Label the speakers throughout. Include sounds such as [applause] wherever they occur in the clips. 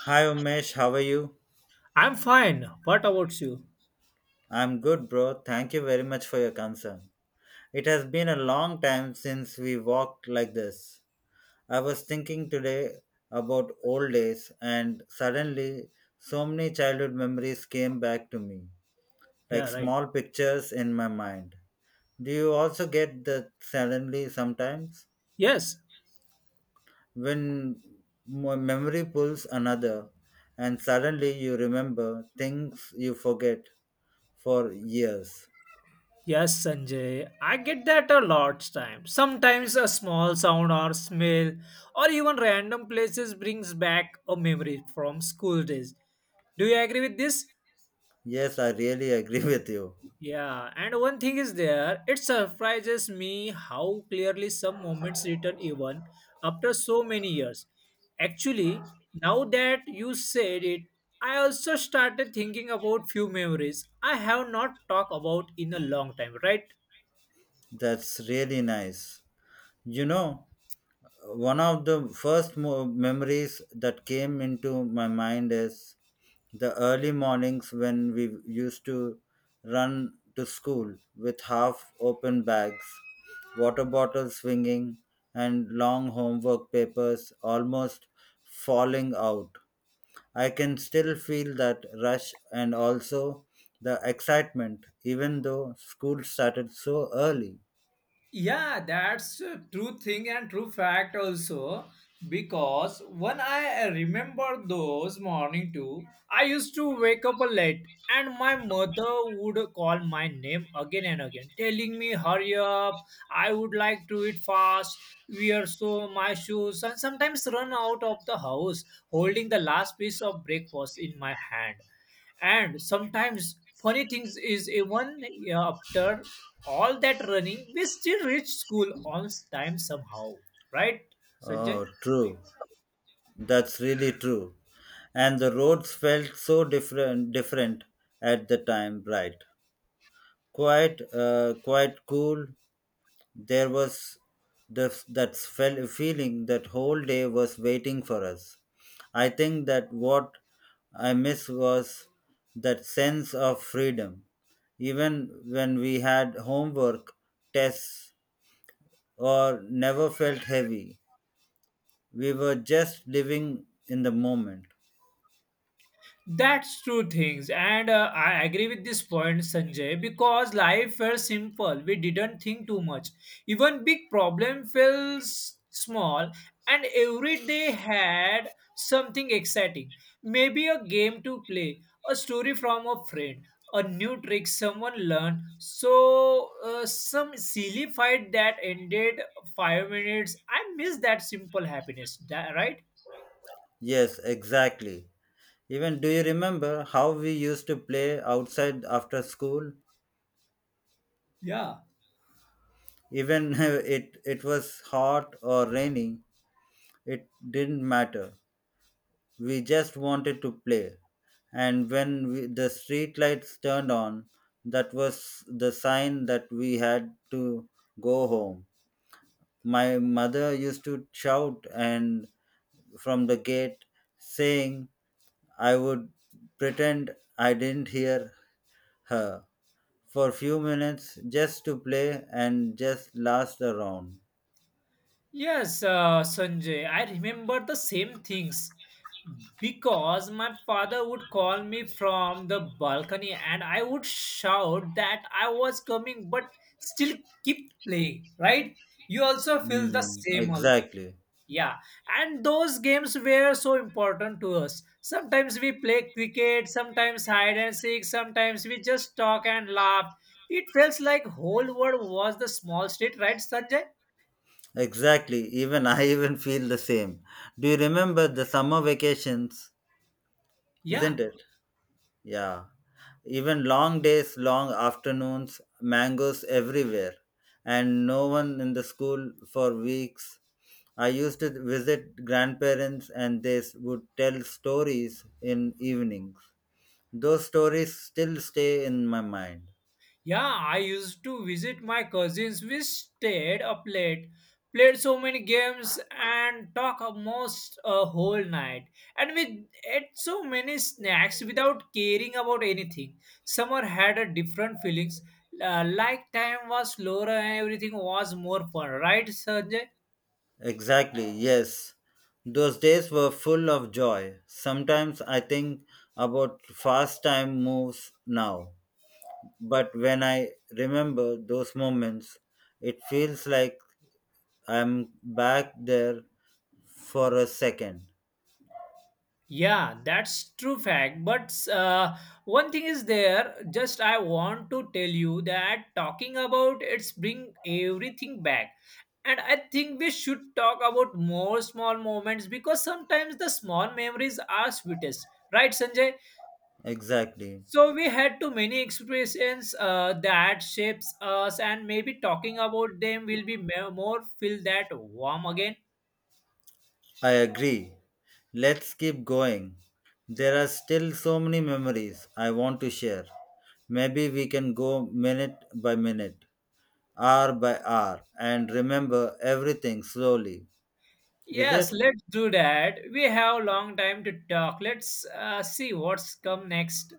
Speaker 1: Hi Umesh, how are you?
Speaker 2: I'm fine. What about you?
Speaker 1: I'm good, bro. Thank you very much for your concern. It has been a long time since we walked like this. I was thinking today about old days, and suddenly so many childhood memories came back to me, like
Speaker 2: Yeah, right.
Speaker 1: small pictures in my mind. Do you also get that suddenly sometimes?
Speaker 2: Yes.
Speaker 1: When memory pulls another, and suddenly you remember things you forget for years.
Speaker 2: Yes, Sanjay. I get that a lot times. Sometimes a small sound or smell or even random places brings back a memory from school days. Do you agree with this?
Speaker 1: Yes, I really agree [laughs] with you.
Speaker 2: Yeah, and one thing is there, it surprises me how clearly some moments return even after so many years. Actually, now that you said it, I also started thinking about few memories I have not talked about in a long time, right?
Speaker 1: That's really nice. You know, one of the first memories that came into my mind is the early mornings when we used to run to school with half open bags, water bottles swinging, and long homework papers almost falling out. I can still feel that rush and also the excitement, even though school started so early.
Speaker 2: Yeah, that's a true thing and true fact also. Because when I remember those morning too, I used to wake up late and my mother would call my name again and again, telling me, hurry up, I would like to eat fast, wear so my shoes, and sometimes run out of the house holding the last piece of breakfast in my hand and sometimes funny things is even yeah, after all that running we still reach school on time somehow, right, sanjay?
Speaker 1: Oh, true. That's really true. And the roads felt so different at the time, right? Quite cool. There was that feeling that whole day was waiting for us. I think that what I miss was that sense of freedom. Even when we had homework, tests, or never felt heavy, we were just living in the moment.
Speaker 2: That's true things, and I agree with this point, Sanjay, because life felt simple. We didn't think too much. Even big problem felt small, and every day had something exciting. Maybe a game to play, a story from a friend, a new trick someone learned. So some silly fight that ended 5 minutes. I miss that simple happiness, right?
Speaker 1: Yes, exactly. Even do you remember how we used to play outside after school?
Speaker 2: Yeah,
Speaker 1: Even [laughs] it was hot or raining. It didn't matter. We just wanted to play. And when we, the street lights turned on, that was the sign that we had to go home. My mother used to shout and from the gate saying I would pretend I didn't hear her for a few minutes just to play and just last around.
Speaker 2: yes, Sanjay, I remember the same things because my father would call me from the balcony and I would shout that I was coming but still keep playing, right? You also feel the
Speaker 1: Mm,
Speaker 2: same.
Speaker 1: exactly.
Speaker 2: Yeah, and those games were so important to us. Sometimes we play cricket, sometimes hide and seek, sometimes we just talk and laugh. It feels like whole world was the small street, right, Sanjay?
Speaker 1: Exactly. Even I [laughs] even feel the same. Do you remember the summer vacations?
Speaker 2: Yeah.
Speaker 1: Isn't it? Yeah. Even long days, long afternoons, mangoes everywhere, and no one in the school for weeks. I used to visit grandparents and they would tell stories in evenings. Those stories still stay in my mind.
Speaker 2: Yeah, I used to visit my cousins. We stayed up late, played so many games, and talk almost a whole night. And we ate so many snacks without caring about anything. Summer had a different feelings. Like time was slower and everything was more fun, right, Sanjay?
Speaker 1: Exactly, yes. Those days were full of joy. Sometimes I think about fast time moves now. But when I remember those moments, it feels like I'm back there for a second.
Speaker 2: Yeah, that's true fact. But one thing is there. Just I want to tell you that talking about it's bring everything back, and I think we should talk about more small moments because sometimes the small memories are sweetest, right, Sanjay?
Speaker 1: Exactly.
Speaker 2: So we had too many experiences that shapes us, and maybe talking about them will be more feel that warm again.
Speaker 1: I agree. Let's keep going. There are still so many memories I want to share. Maybe we can go minute by minute, hour by hour and remember everything slowly. Is
Speaker 2: Yes,
Speaker 1: it?
Speaker 2: let's do that. We have a long time to talk. Let's see what's come next.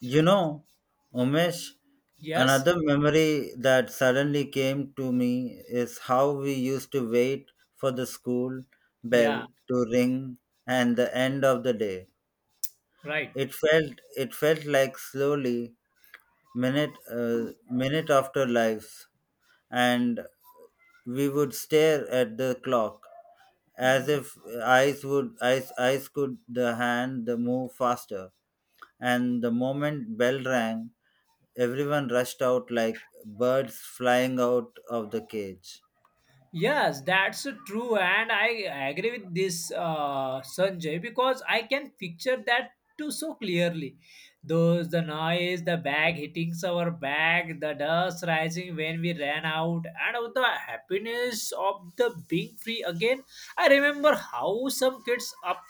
Speaker 1: You know, Umesh,
Speaker 2: Yes?
Speaker 1: another memory that suddenly came to me is how we used to wait for the school bell
Speaker 2: Yeah,
Speaker 1: to ring and the end of the day.
Speaker 2: right.
Speaker 1: It felt like slowly minute after lives, and we would stare at the clock as if eyes would eyes eyes could the hand the move faster, and the moment bell rang everyone rushed out like birds flying out of the cage.
Speaker 2: Yes, that's true. And I agree with this, Sanjay, because I can picture that too so clearly. Those, the noise, the bag hitting our back, the dust rising when we ran out, and the happiness of the being free again. I remember how some kids up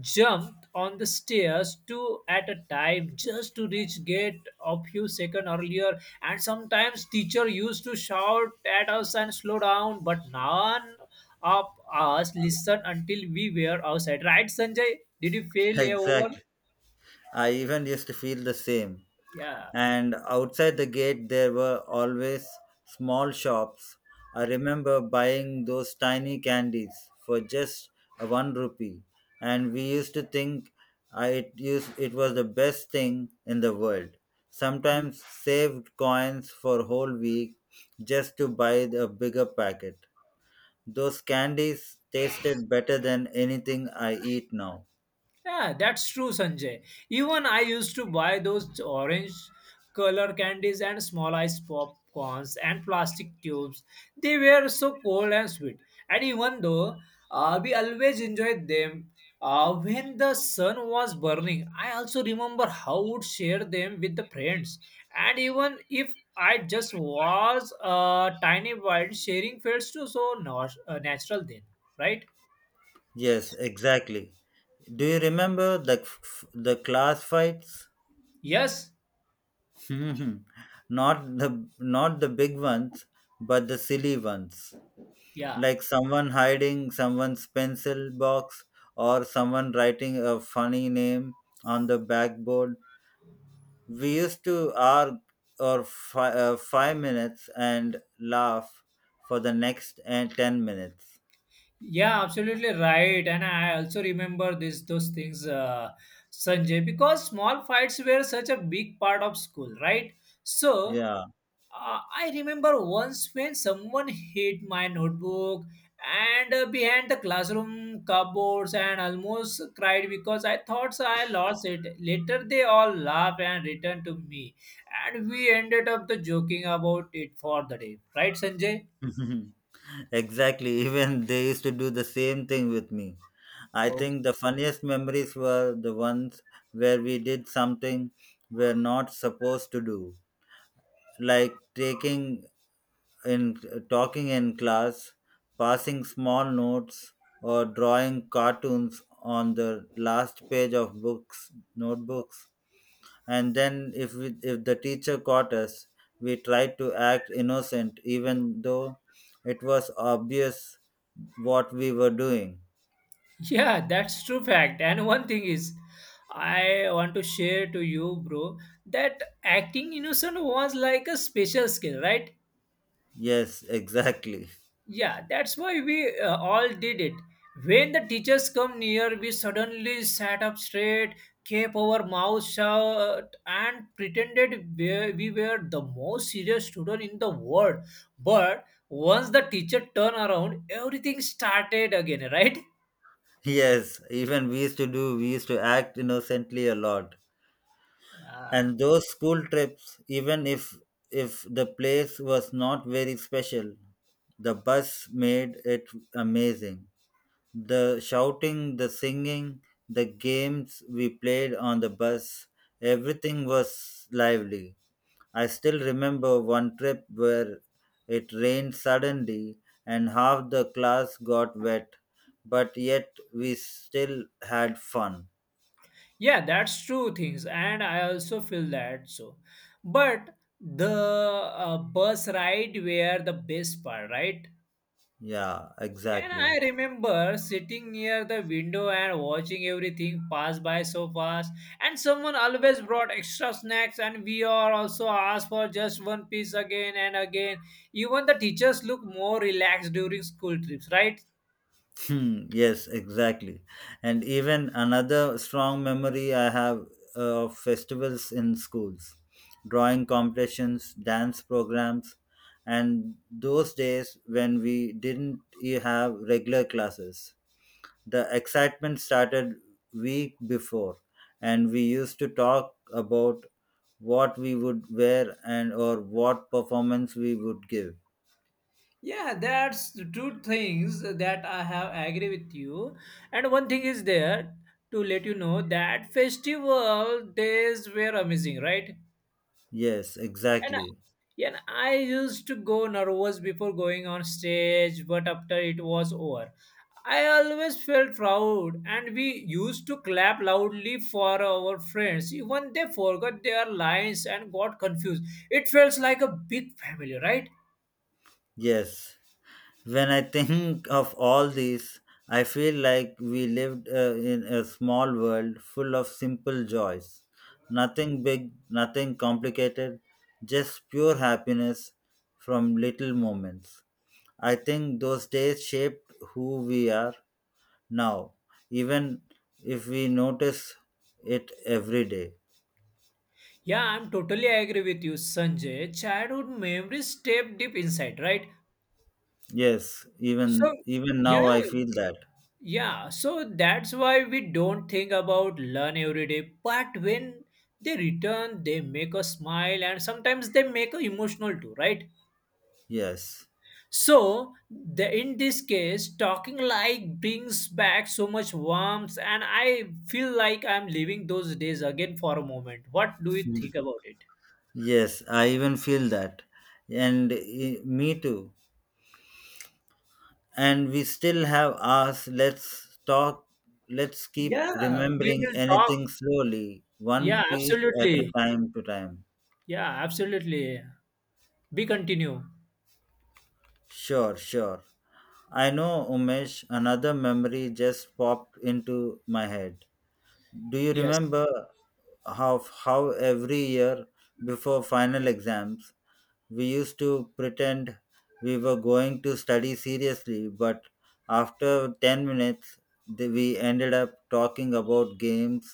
Speaker 2: jumped on the stairs two at a time just to reach gate a few seconds earlier and sometimes teacher used to shout at us and slow down but none of us listened until we were outside, right, sanjay? Did you feel
Speaker 1: [laughs]
Speaker 2: a over,
Speaker 1: Exactly. I even used to feel the same.
Speaker 2: yeah?
Speaker 1: And outside the gate there were always small shops. I remember buying those tiny candies for just a 1 rupee, and we used to think I, it used it was the best thing in the world. Sometimes saved coins for whole week just to buy a bigger packet. Those candies tasted better than anything I eat now.
Speaker 2: Yeah, that's true, Sanjay. Even I used to buy those orange color candies and small ice popcorns and plastic tubes. They were so cold and sweet. And even though we always enjoyed them when the sun was burning, I also remember how would share them with the friends. And even if I just was a tiny wild, sharing felt so so natural then, right?
Speaker 1: Yes, exactly. Do you remember the class fights?
Speaker 2: Yes,
Speaker 1: Mhm. Not the big ones, but the silly ones,
Speaker 2: yeah.
Speaker 1: like someone hiding someone's pencil box or someone writing a funny name on the backboard. We used to argue or 5 minutes and laugh for the next 10 minutes.
Speaker 2: Yeah, absolutely right. And I also remember this those things, Sanjay, because small fights were such a big part of school, right? So
Speaker 1: Yeah.
Speaker 2: uh, I remember once when someone hit my notebook and behind the classroom cupboards and almost cried because I thought so I lost it. Later they all laughed and returned to me, and we ended up the joking about it for the day, right, Sanjay?
Speaker 1: [laughs] Exactly. [laughs] Even they used to do the same thing with me. I think the funniest memories were the ones where we did something we're not supposed to do, like taking in talking in class, passing small notes, or drawing cartoons on the last page of books, notebooks. And then if the teacher caught us, we tried to act innocent even though it was obvious what we were doing.
Speaker 2: Yeah, that's true fact. And one thing is, I want to share to you, bro, that acting innocent was like a special skill, right?
Speaker 1: Yes, exactly.
Speaker 2: Yeah, that's why we all did it. When the teachers come near, we suddenly sat up straight, kept our mouths shut, and pretended we were the most serious student in the world. But once the teacher turned around, everything started again, right?
Speaker 1: [laughs] Yes, even we used to act innocently a lot.
Speaker 2: Yeah.
Speaker 1: And those school trips, even if the place was not very special, the bus made it amazing. The shouting, the singing, the games we played on the bus, everything was lively. I still remember one trip where it rained suddenly and half the class got wet, but yet we still had fun.
Speaker 2: Yeah, that's true things, and I also feel that so. But the bus ride were the best part, right?
Speaker 1: Yeah,
Speaker 2: And I
Speaker 1: exactly.
Speaker 2: remember sitting near the window and watching everything pass by so fast. And someone always brought extra snacks, and we are also asked for just one piece again and again. Even the teachers look more relaxed during school trips, right?
Speaker 1: Hmm, yes, exactly. And even another strong memory I have of festivals in schools, drawing competitions, dance programs, and those days when we didn't have regular classes. The excitement started week before, and we used to talk about what we would wear and or what performance we would give.
Speaker 2: Yeah, that's the two things that I have agree with you. And one thing is there to let you know that festival days were amazing, right?
Speaker 1: Yes,
Speaker 2: And I-
Speaker 1: exactly.
Speaker 2: yeah, and I used to go nervous before going on stage, but after it was over, I always felt proud. And we used to clap loudly for our friends, even they forgot their lines and got confused. It felt like a big family, right?
Speaker 1: Yes. When I think of all these, I feel like we lived in a small world full of simple joys. Nothing big, nothing complicated, just pure happiness from little moments. I think those days shaped who we are now, even if we notice it every day.
Speaker 2: Yeah, I'm totally agree with you, Sanjay. Childhood memories step deep inside, right?
Speaker 1: Yes,
Speaker 2: So,
Speaker 1: even
Speaker 2: yeah,
Speaker 1: now I feel that.
Speaker 2: yeah. So that's why we don't think about learn every day. But when they return, they make us smile and sometimes they make us emotional too, right?
Speaker 1: Yes.
Speaker 2: So, the, in this case, talking like brings back so much warmth, and I feel like I'm living those days again for a moment. What do you think about it?
Speaker 1: Yes, I even feel that. And me too. And we still have us. Let's talk. Let's keep
Speaker 2: Yeah, we
Speaker 1: remembering
Speaker 2: will talk.
Speaker 1: anything slowly, one
Speaker 2: Yeah,
Speaker 1: piece at a
Speaker 2: absolutely.
Speaker 1: time to time.
Speaker 2: Yeah, absolutely. Be continue.
Speaker 1: Sure, sure. I know, Umesh, another memory just popped into my head. Do you
Speaker 2: Yes.
Speaker 1: remember how every year before final exams we used to pretend we were going to study seriously, but after 10 minutes we ended up talking about games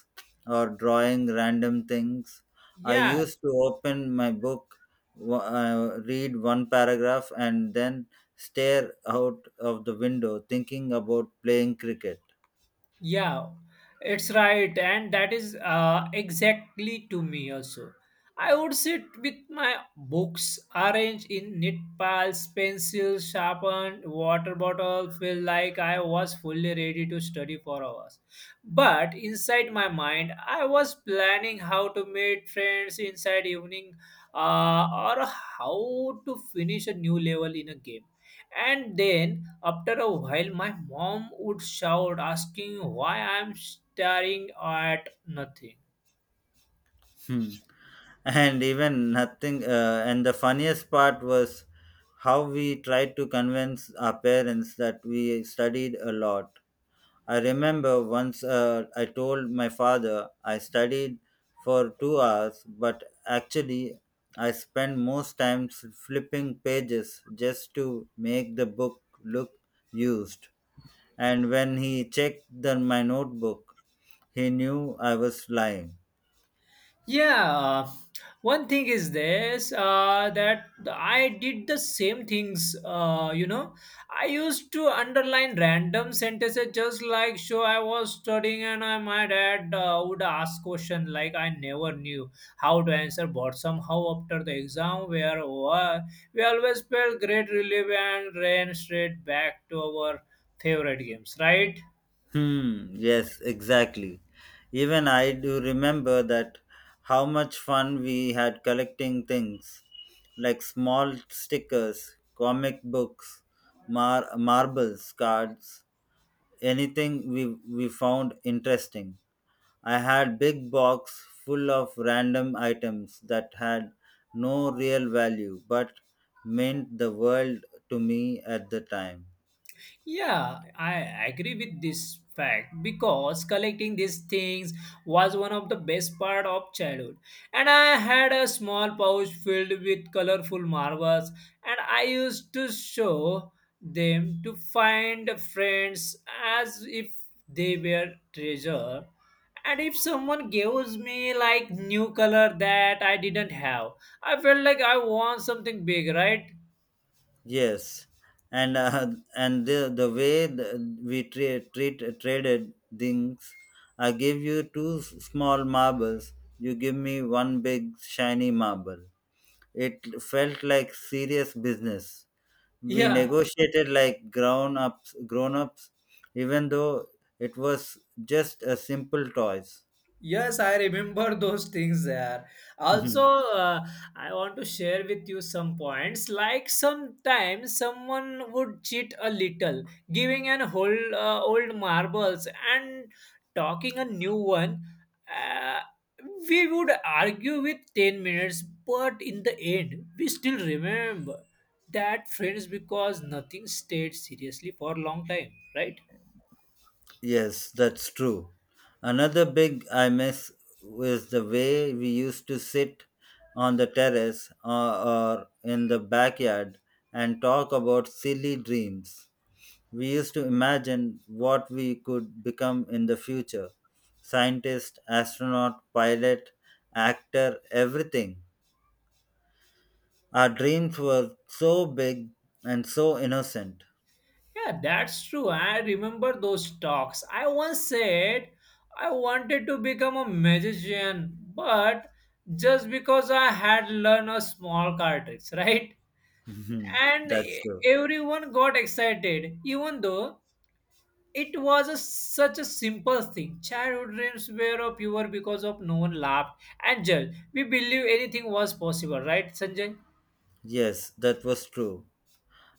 Speaker 1: or drawing random things. I
Speaker 2: Yeah,
Speaker 1: used to open my book, read one paragraph, and then stare out of the window thinking about playing cricket.
Speaker 2: yeah, it's right, and that is exactly to me also. I would sit with my books arranged in neat piles, pencils, sharpened, water bottle, feel like I was fully ready to study for hours. But inside my mind, I was planning how to meet friends inside evening uh, or how to finish a new level in a game. And then after a while, my mom would shout, asking why I'm staring at nothing.
Speaker 1: Hmm. And even nothing and the funniest part was how we tried to convince our parents that we studied a lot. I remember once I told my father I studied for 2 hours, but actually I spent most times flipping pages just to make the book look used. And when he checked my notebook, he knew I was lying.
Speaker 2: Yeah, one thing is this that I did the same things. You know, I used to underline random sentences just like show I was studying and I, my dad would ask question like I never knew how to answer. But somehow after the exam, where we always felt great relief and ran straight back to our favorite games. Right?
Speaker 1: Hmm, yes, exactly. Even I do remember that how much fun we had collecting things like small stickers, comic books, marbles, cards, anything we found interesting. I had big box full of random items that had no real value but meant the world to me at the time.
Speaker 2: Yeah, I agree with this fact because collecting these things was one of the best part of childhood. And I had a small pouch filled with colorful marbles and I used to show them to find friends as if they were treasure. And if someone gives me like new color that I didn't have, I felt like I want something big, right?
Speaker 1: Yes, and and the way the, we tra- treat traded things. I give you two small marbles. You give me one big shiny marble. It felt like serious business. We
Speaker 2: Yeah,
Speaker 1: negotiated like grown ups, even though it was just a simple toys.
Speaker 2: yes, I remember [laughs] those things there. Also,
Speaker 1: [laughs]
Speaker 2: I want to share with you some points. Like sometimes someone would cheat a little, giving an old marbles and talking a new one. Uh, we would argue with 10 minutes, but in the end, we still remember that friends because nothing stayed seriously for a long time, right?
Speaker 1: Yes, that's true. Another big I miss is the way we used to sit on the terrace or in the backyard and talk about silly dreams. We used to imagine what we could become in the future, scientist, astronaut, pilot, actor, everything. Our dreams were so big and so innocent.
Speaker 2: Yeah, that's true. I remember those talks. I once said I wanted to become a magician, but just because I had learned a small card tricks, [laughs] right?
Speaker 1: [laughs]
Speaker 2: And
Speaker 1: That's true.
Speaker 2: everyone got excited, even though it was a, such a simple thing. Childhood dreams were pure because of no one laughed and judged. We believe anything was possible, right, Sanjay?
Speaker 1: Yes, that was true.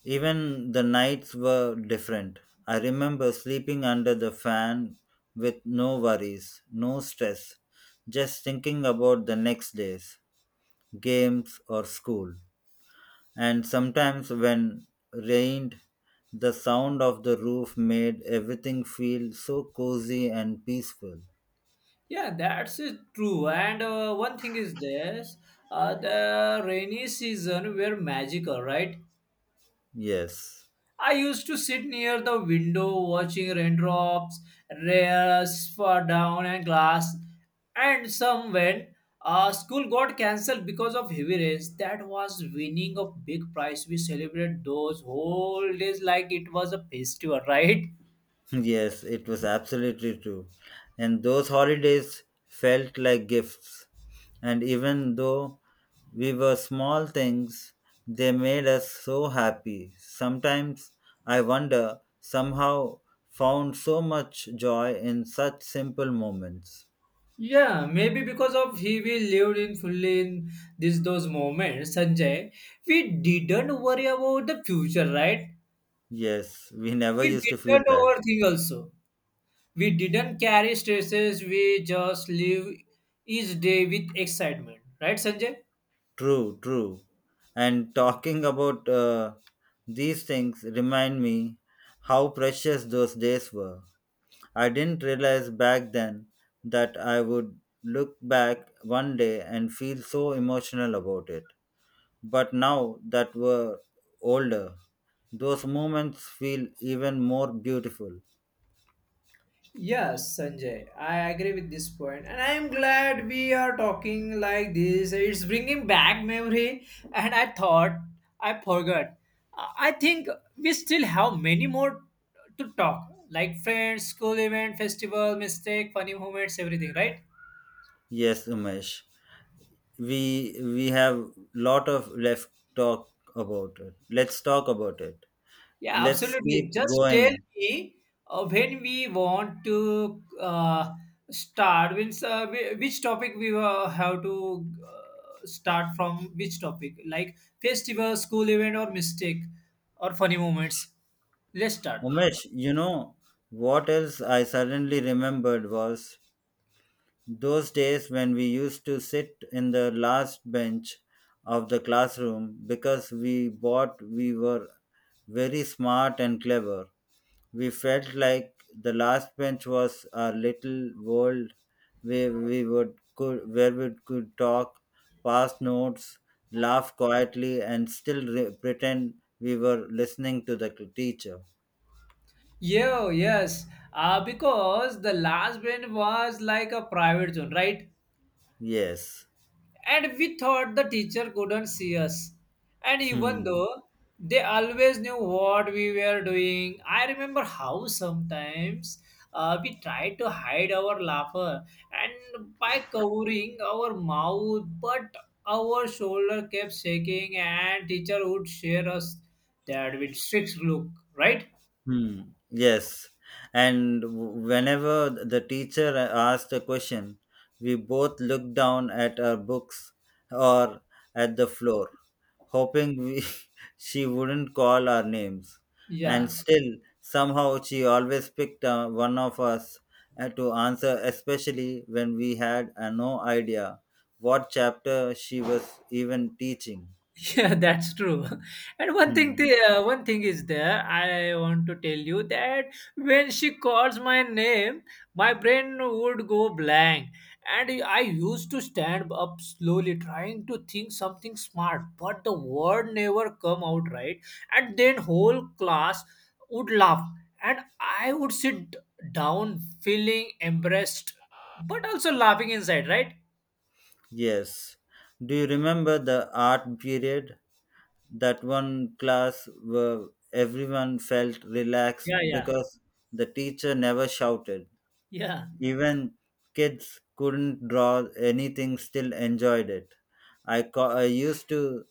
Speaker 1: Even the nights were different. I remember sleeping under the fan with no worries, no stress, just thinking about the next days, games, or school. And sometimes when rained, the sound of the roof made everything feel so cozy and peaceful.
Speaker 2: Yeah, that's it, true. And one thing is this the rainy season were magical, right?
Speaker 1: Yes.
Speaker 2: I used to sit near the window watching raindrops, rails fall down and glass. And some when school got cancelled because of heavy rains, that was winning a big prize. We celebrated those whole days like it was a festival, [laughs] right?
Speaker 1: Yes, it was absolutely true. And those holidays felt like gifts. And even though we were small things, they made us so happy. Sometimes I wonder, somehow found so much joy in such simple moments.
Speaker 2: Yeah, maybe because of he we lived in fully in this those moments, Sanjay. We didn't worry about the future, right?
Speaker 1: Yes, we never
Speaker 2: We
Speaker 1: used to feel
Speaker 2: didn't
Speaker 1: that.
Speaker 2: overthink also. We didn't carry stresses. We just live each day with excitement, right, Sanjay?
Speaker 1: True, true. And talking about these things remind me how precious those days were. I didn't realize back then that I would look back one day and feel so emotional about it. But now that we're older, those moments feel even more beautiful.
Speaker 2: Yes, Sanjay, I agree with this point, and I am glad we are talking like this. It's bringing back memory, and I thought I forgot. I think we still have many more to talk, like friends, school event, festival, mistake, funny moments, everything, right?
Speaker 1: Yes, Umesh. We have lot of left talk about it. Let's talk about it.
Speaker 2: Yeah,
Speaker 1: Let's keep
Speaker 2: absolutely. Just tell
Speaker 1: going.
Speaker 2: me when we want to start. Means, which topic we have to start from? Which topic? Like festival, school event, or mistake, or funny moments. Let's start.
Speaker 1: Umesh, you know what else I suddenly remembered was those days when we used to sit in the last bench of the classroom because we thought we were very smart and clever. We felt like the last bench was our little world where we could talk, pass notes, laugh quietly, and still pretend we were listening to the teacher.
Speaker 2: Yeah, yes. Because the last one was like a private zone, right?
Speaker 1: Yes.
Speaker 2: And we thought the teacher couldn't see us. And even
Speaker 1: Hmm.
Speaker 2: though they always knew what we were doing, I remember how sometimes we tried to hide our laughter and by covering our mouth, but our shoulder kept shaking, and teacher would share us that with strict look, right?
Speaker 1: Hmm. Yes. And whenever the teacher asked a question, we both looked down at our books or at the floor, hoping we, [laughs] she wouldn't call our names. And
Speaker 2: Yeah.
Speaker 1: still, somehow, she always picked one of us to answer, especially when we had no idea what chapter she was even teaching.
Speaker 2: [laughs] Yeah, that's true. [laughs] And one thing,
Speaker 1: Hmm.
Speaker 2: the one thing is there. I want to tell you that when she calls my name, my brain would go blank, and I used to stand up slowly, trying to think something smart, but the word never come out right. And then whole class would laugh, and I would sit down feeling embarrassed, but also laughing inside. Right?
Speaker 1: Yes. Do you remember the art period? That one class where everyone felt relaxed
Speaker 2: Yeah, yeah,
Speaker 1: because the teacher never shouted.
Speaker 2: yeah.
Speaker 1: Even kids couldn't draw anything, still enjoyed it. I used to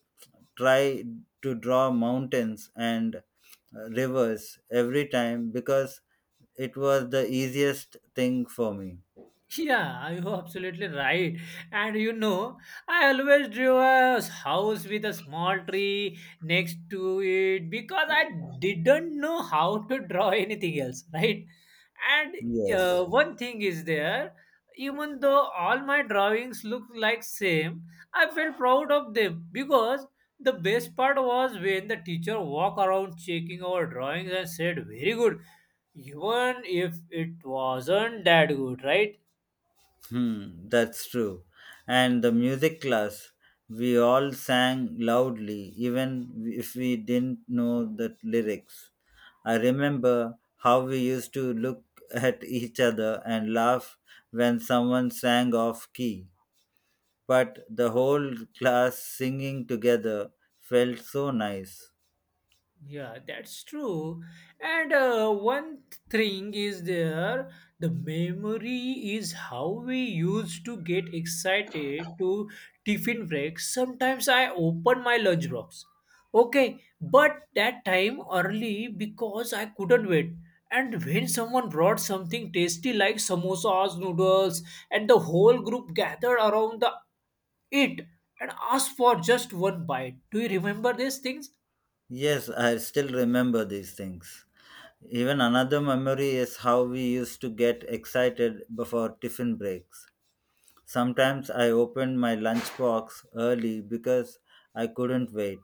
Speaker 1: try to draw mountains and rivers every time because it was the easiest thing for me.
Speaker 2: Yeah, you're absolutely right. And you know, I always drew a house with a small tree next to it because I didn't know how to draw anything else, right? And
Speaker 1: Yes.
Speaker 2: one thing is there, even though all my drawings look like same, I felt proud of them because the best part was when the teacher walk around checking our drawings and said, "Very good," even if it wasn't that good, right?
Speaker 1: Hmm, that's true. And the music class, we all sang loudly, even if we didn't know the lyrics. I remember how we used to look at each other and laugh when someone sang off key. But the whole class singing together felt so nice.
Speaker 2: Yeah, that's true. And one thing is there, the memory is how we used to get excited to tiffin break. Sometimes I open my lunch box. Okay, but that time early because I couldn't wait. And when someone brought something tasty like samosas, noodles, and the whole group gathered around the it and asked for just one bite. Do you remember these things?
Speaker 1: Yes, I still remember these things. Even another memory is how we used to get excited before tiffin breaks. Sometimes I opened my lunchbox early because I couldn't wait.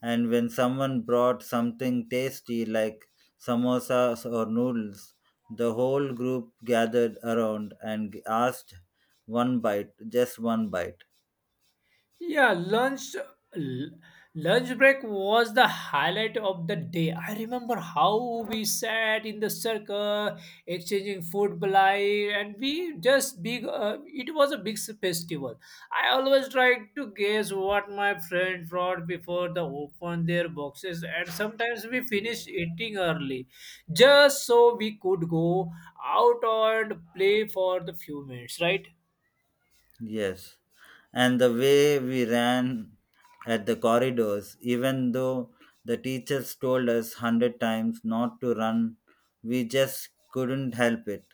Speaker 1: And when someone brought something tasty like samosas or noodles, the whole group gathered around and asked one bite, just one bite.
Speaker 2: Yeah, l- lunch break was the highlight of the day. I remember how we sat in the circle, exchanging food blai, and we just big. It was a big festival. I always tried to guess what my friends brought before they opened their boxes, and sometimes we finished eating early, just so we could go out and play for the few minutes. Right?
Speaker 1: Yes. And the way we ran at the corridors, even though the teachers told us 100 times not to run, we just couldn't help it.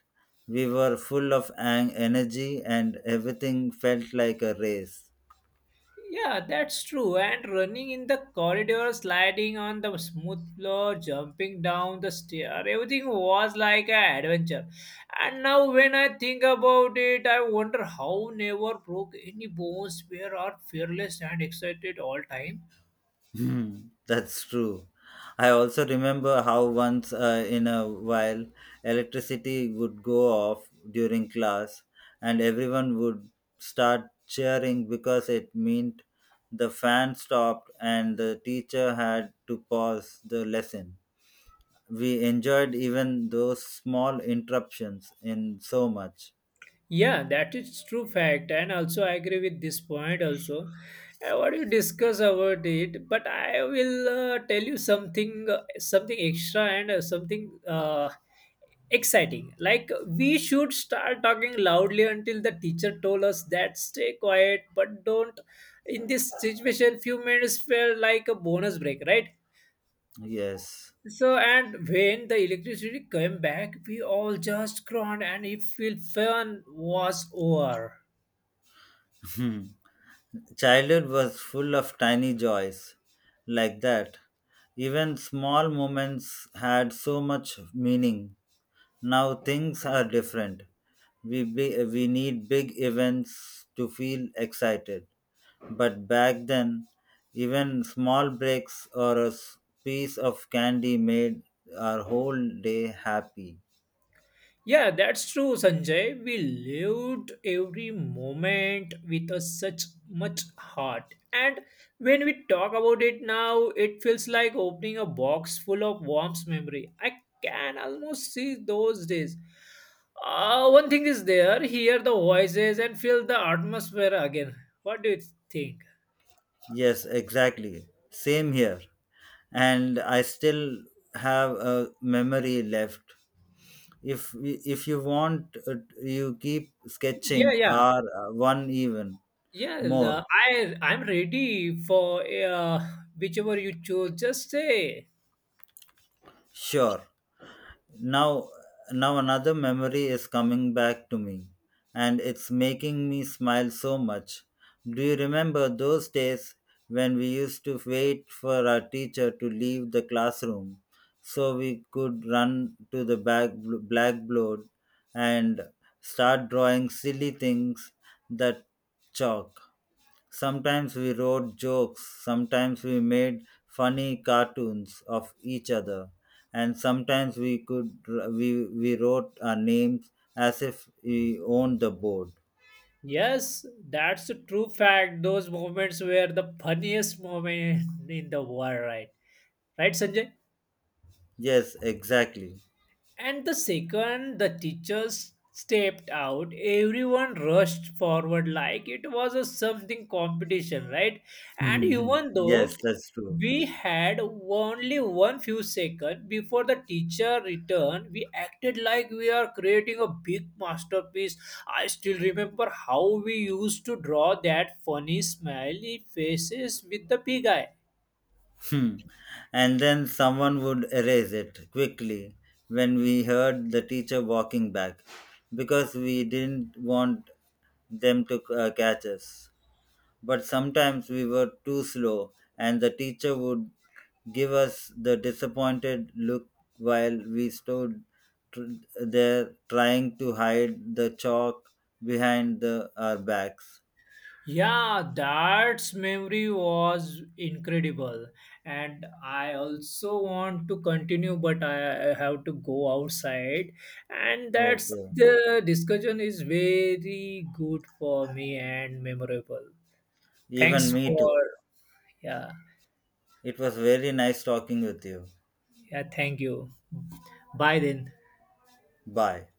Speaker 1: We were full of energy and everything felt like a race.
Speaker 2: Yeah, that's true. And running in the corridor, sliding on the smooth floor, jumping down the stair, everything was like an adventure. And now, when I think about it, I wonder how never broke any bones, where are fearless and excited all time.
Speaker 1: Hmm, that's true. I also remember how once in a while electricity would go off during class and everyone would start cheering because it meant the fan stopped and the teacher had to pause the lesson. We enjoyed even those small interruptions in so much.
Speaker 2: Yeah, that is true fact, and also I agree with this point also. I want to discuss about it, but I will tell you something, something extra and something. Exciting. Like we should start talking loudly until the teacher told us that stay quiet, but don't. In this situation, few minutes felt like a bonus break, right?
Speaker 1: Yes.
Speaker 2: So and when the electricity came back, we all just groaned and it felt fun was over.
Speaker 1: [laughs] Childhood was full of tiny joys like that. Even small moments had so much meaning. Now things are different. We need big events to feel excited. But back then, even small breaks or a piece of candy made our whole day happy.
Speaker 2: Yeah, that's true, Sanjay. We lived every moment with a such much heart. And when we talk about it now, it feels like opening a box full of warm memory. I can almost see those days. One thing is there, hear the voices and feel the atmosphere again. What do you think?
Speaker 1: Yes, exactly. Same here. And I still have a memory left if if you want you keep
Speaker 2: Yeah,
Speaker 1: sketching
Speaker 2: yeah,
Speaker 1: or one even
Speaker 2: yeah.
Speaker 1: more.
Speaker 2: I'm ready for whichever you choose. Just say.
Speaker 1: Sure. Now now another memory is coming back to me and it's making me smile so much. Do you remember those days when we used to wait for our teacher to leave the classroom so we could run to the back blackboard and start drawing silly things that chalk. Sometimes we wrote jokes, sometimes we made funny cartoons of each other, and sometimes we wrote our names as if we owned the board.
Speaker 2: Yes, that's a true fact. Those moments were the funniest moment [laughs] in the world, right? Right, Sanjay?
Speaker 1: Yes, exactly.
Speaker 2: And the second the teachers stepped out, everyone rushed forward like it was a something competition, right? And
Speaker 1: Mhm. [laughs]
Speaker 2: even
Speaker 1: Yes,
Speaker 2: though
Speaker 1: that's true.
Speaker 2: we had only one few seconds before the teacher returned, we acted like we are creating a big masterpiece. I still remember how we used to draw that funny smiley faces with the big eye.
Speaker 1: Hmm. And then someone would erase it quickly when we heard the teacher walking back because we didn't want them to catch us. But sometimes we were too slow, and the teacher would give us the disappointed look while we stood tr- there trying to hide the chalk behind our backs.
Speaker 2: Yeah, that's memory was incredible. And I also want to continue, but I have to go outside. And that's
Speaker 1: Okay.
Speaker 2: the discussion is very good for me and memorable. Thanks
Speaker 1: Even me too.
Speaker 2: for, yeah,
Speaker 1: It was very nice talking with you.
Speaker 2: yeah, thank you. Bye then.
Speaker 1: Bye.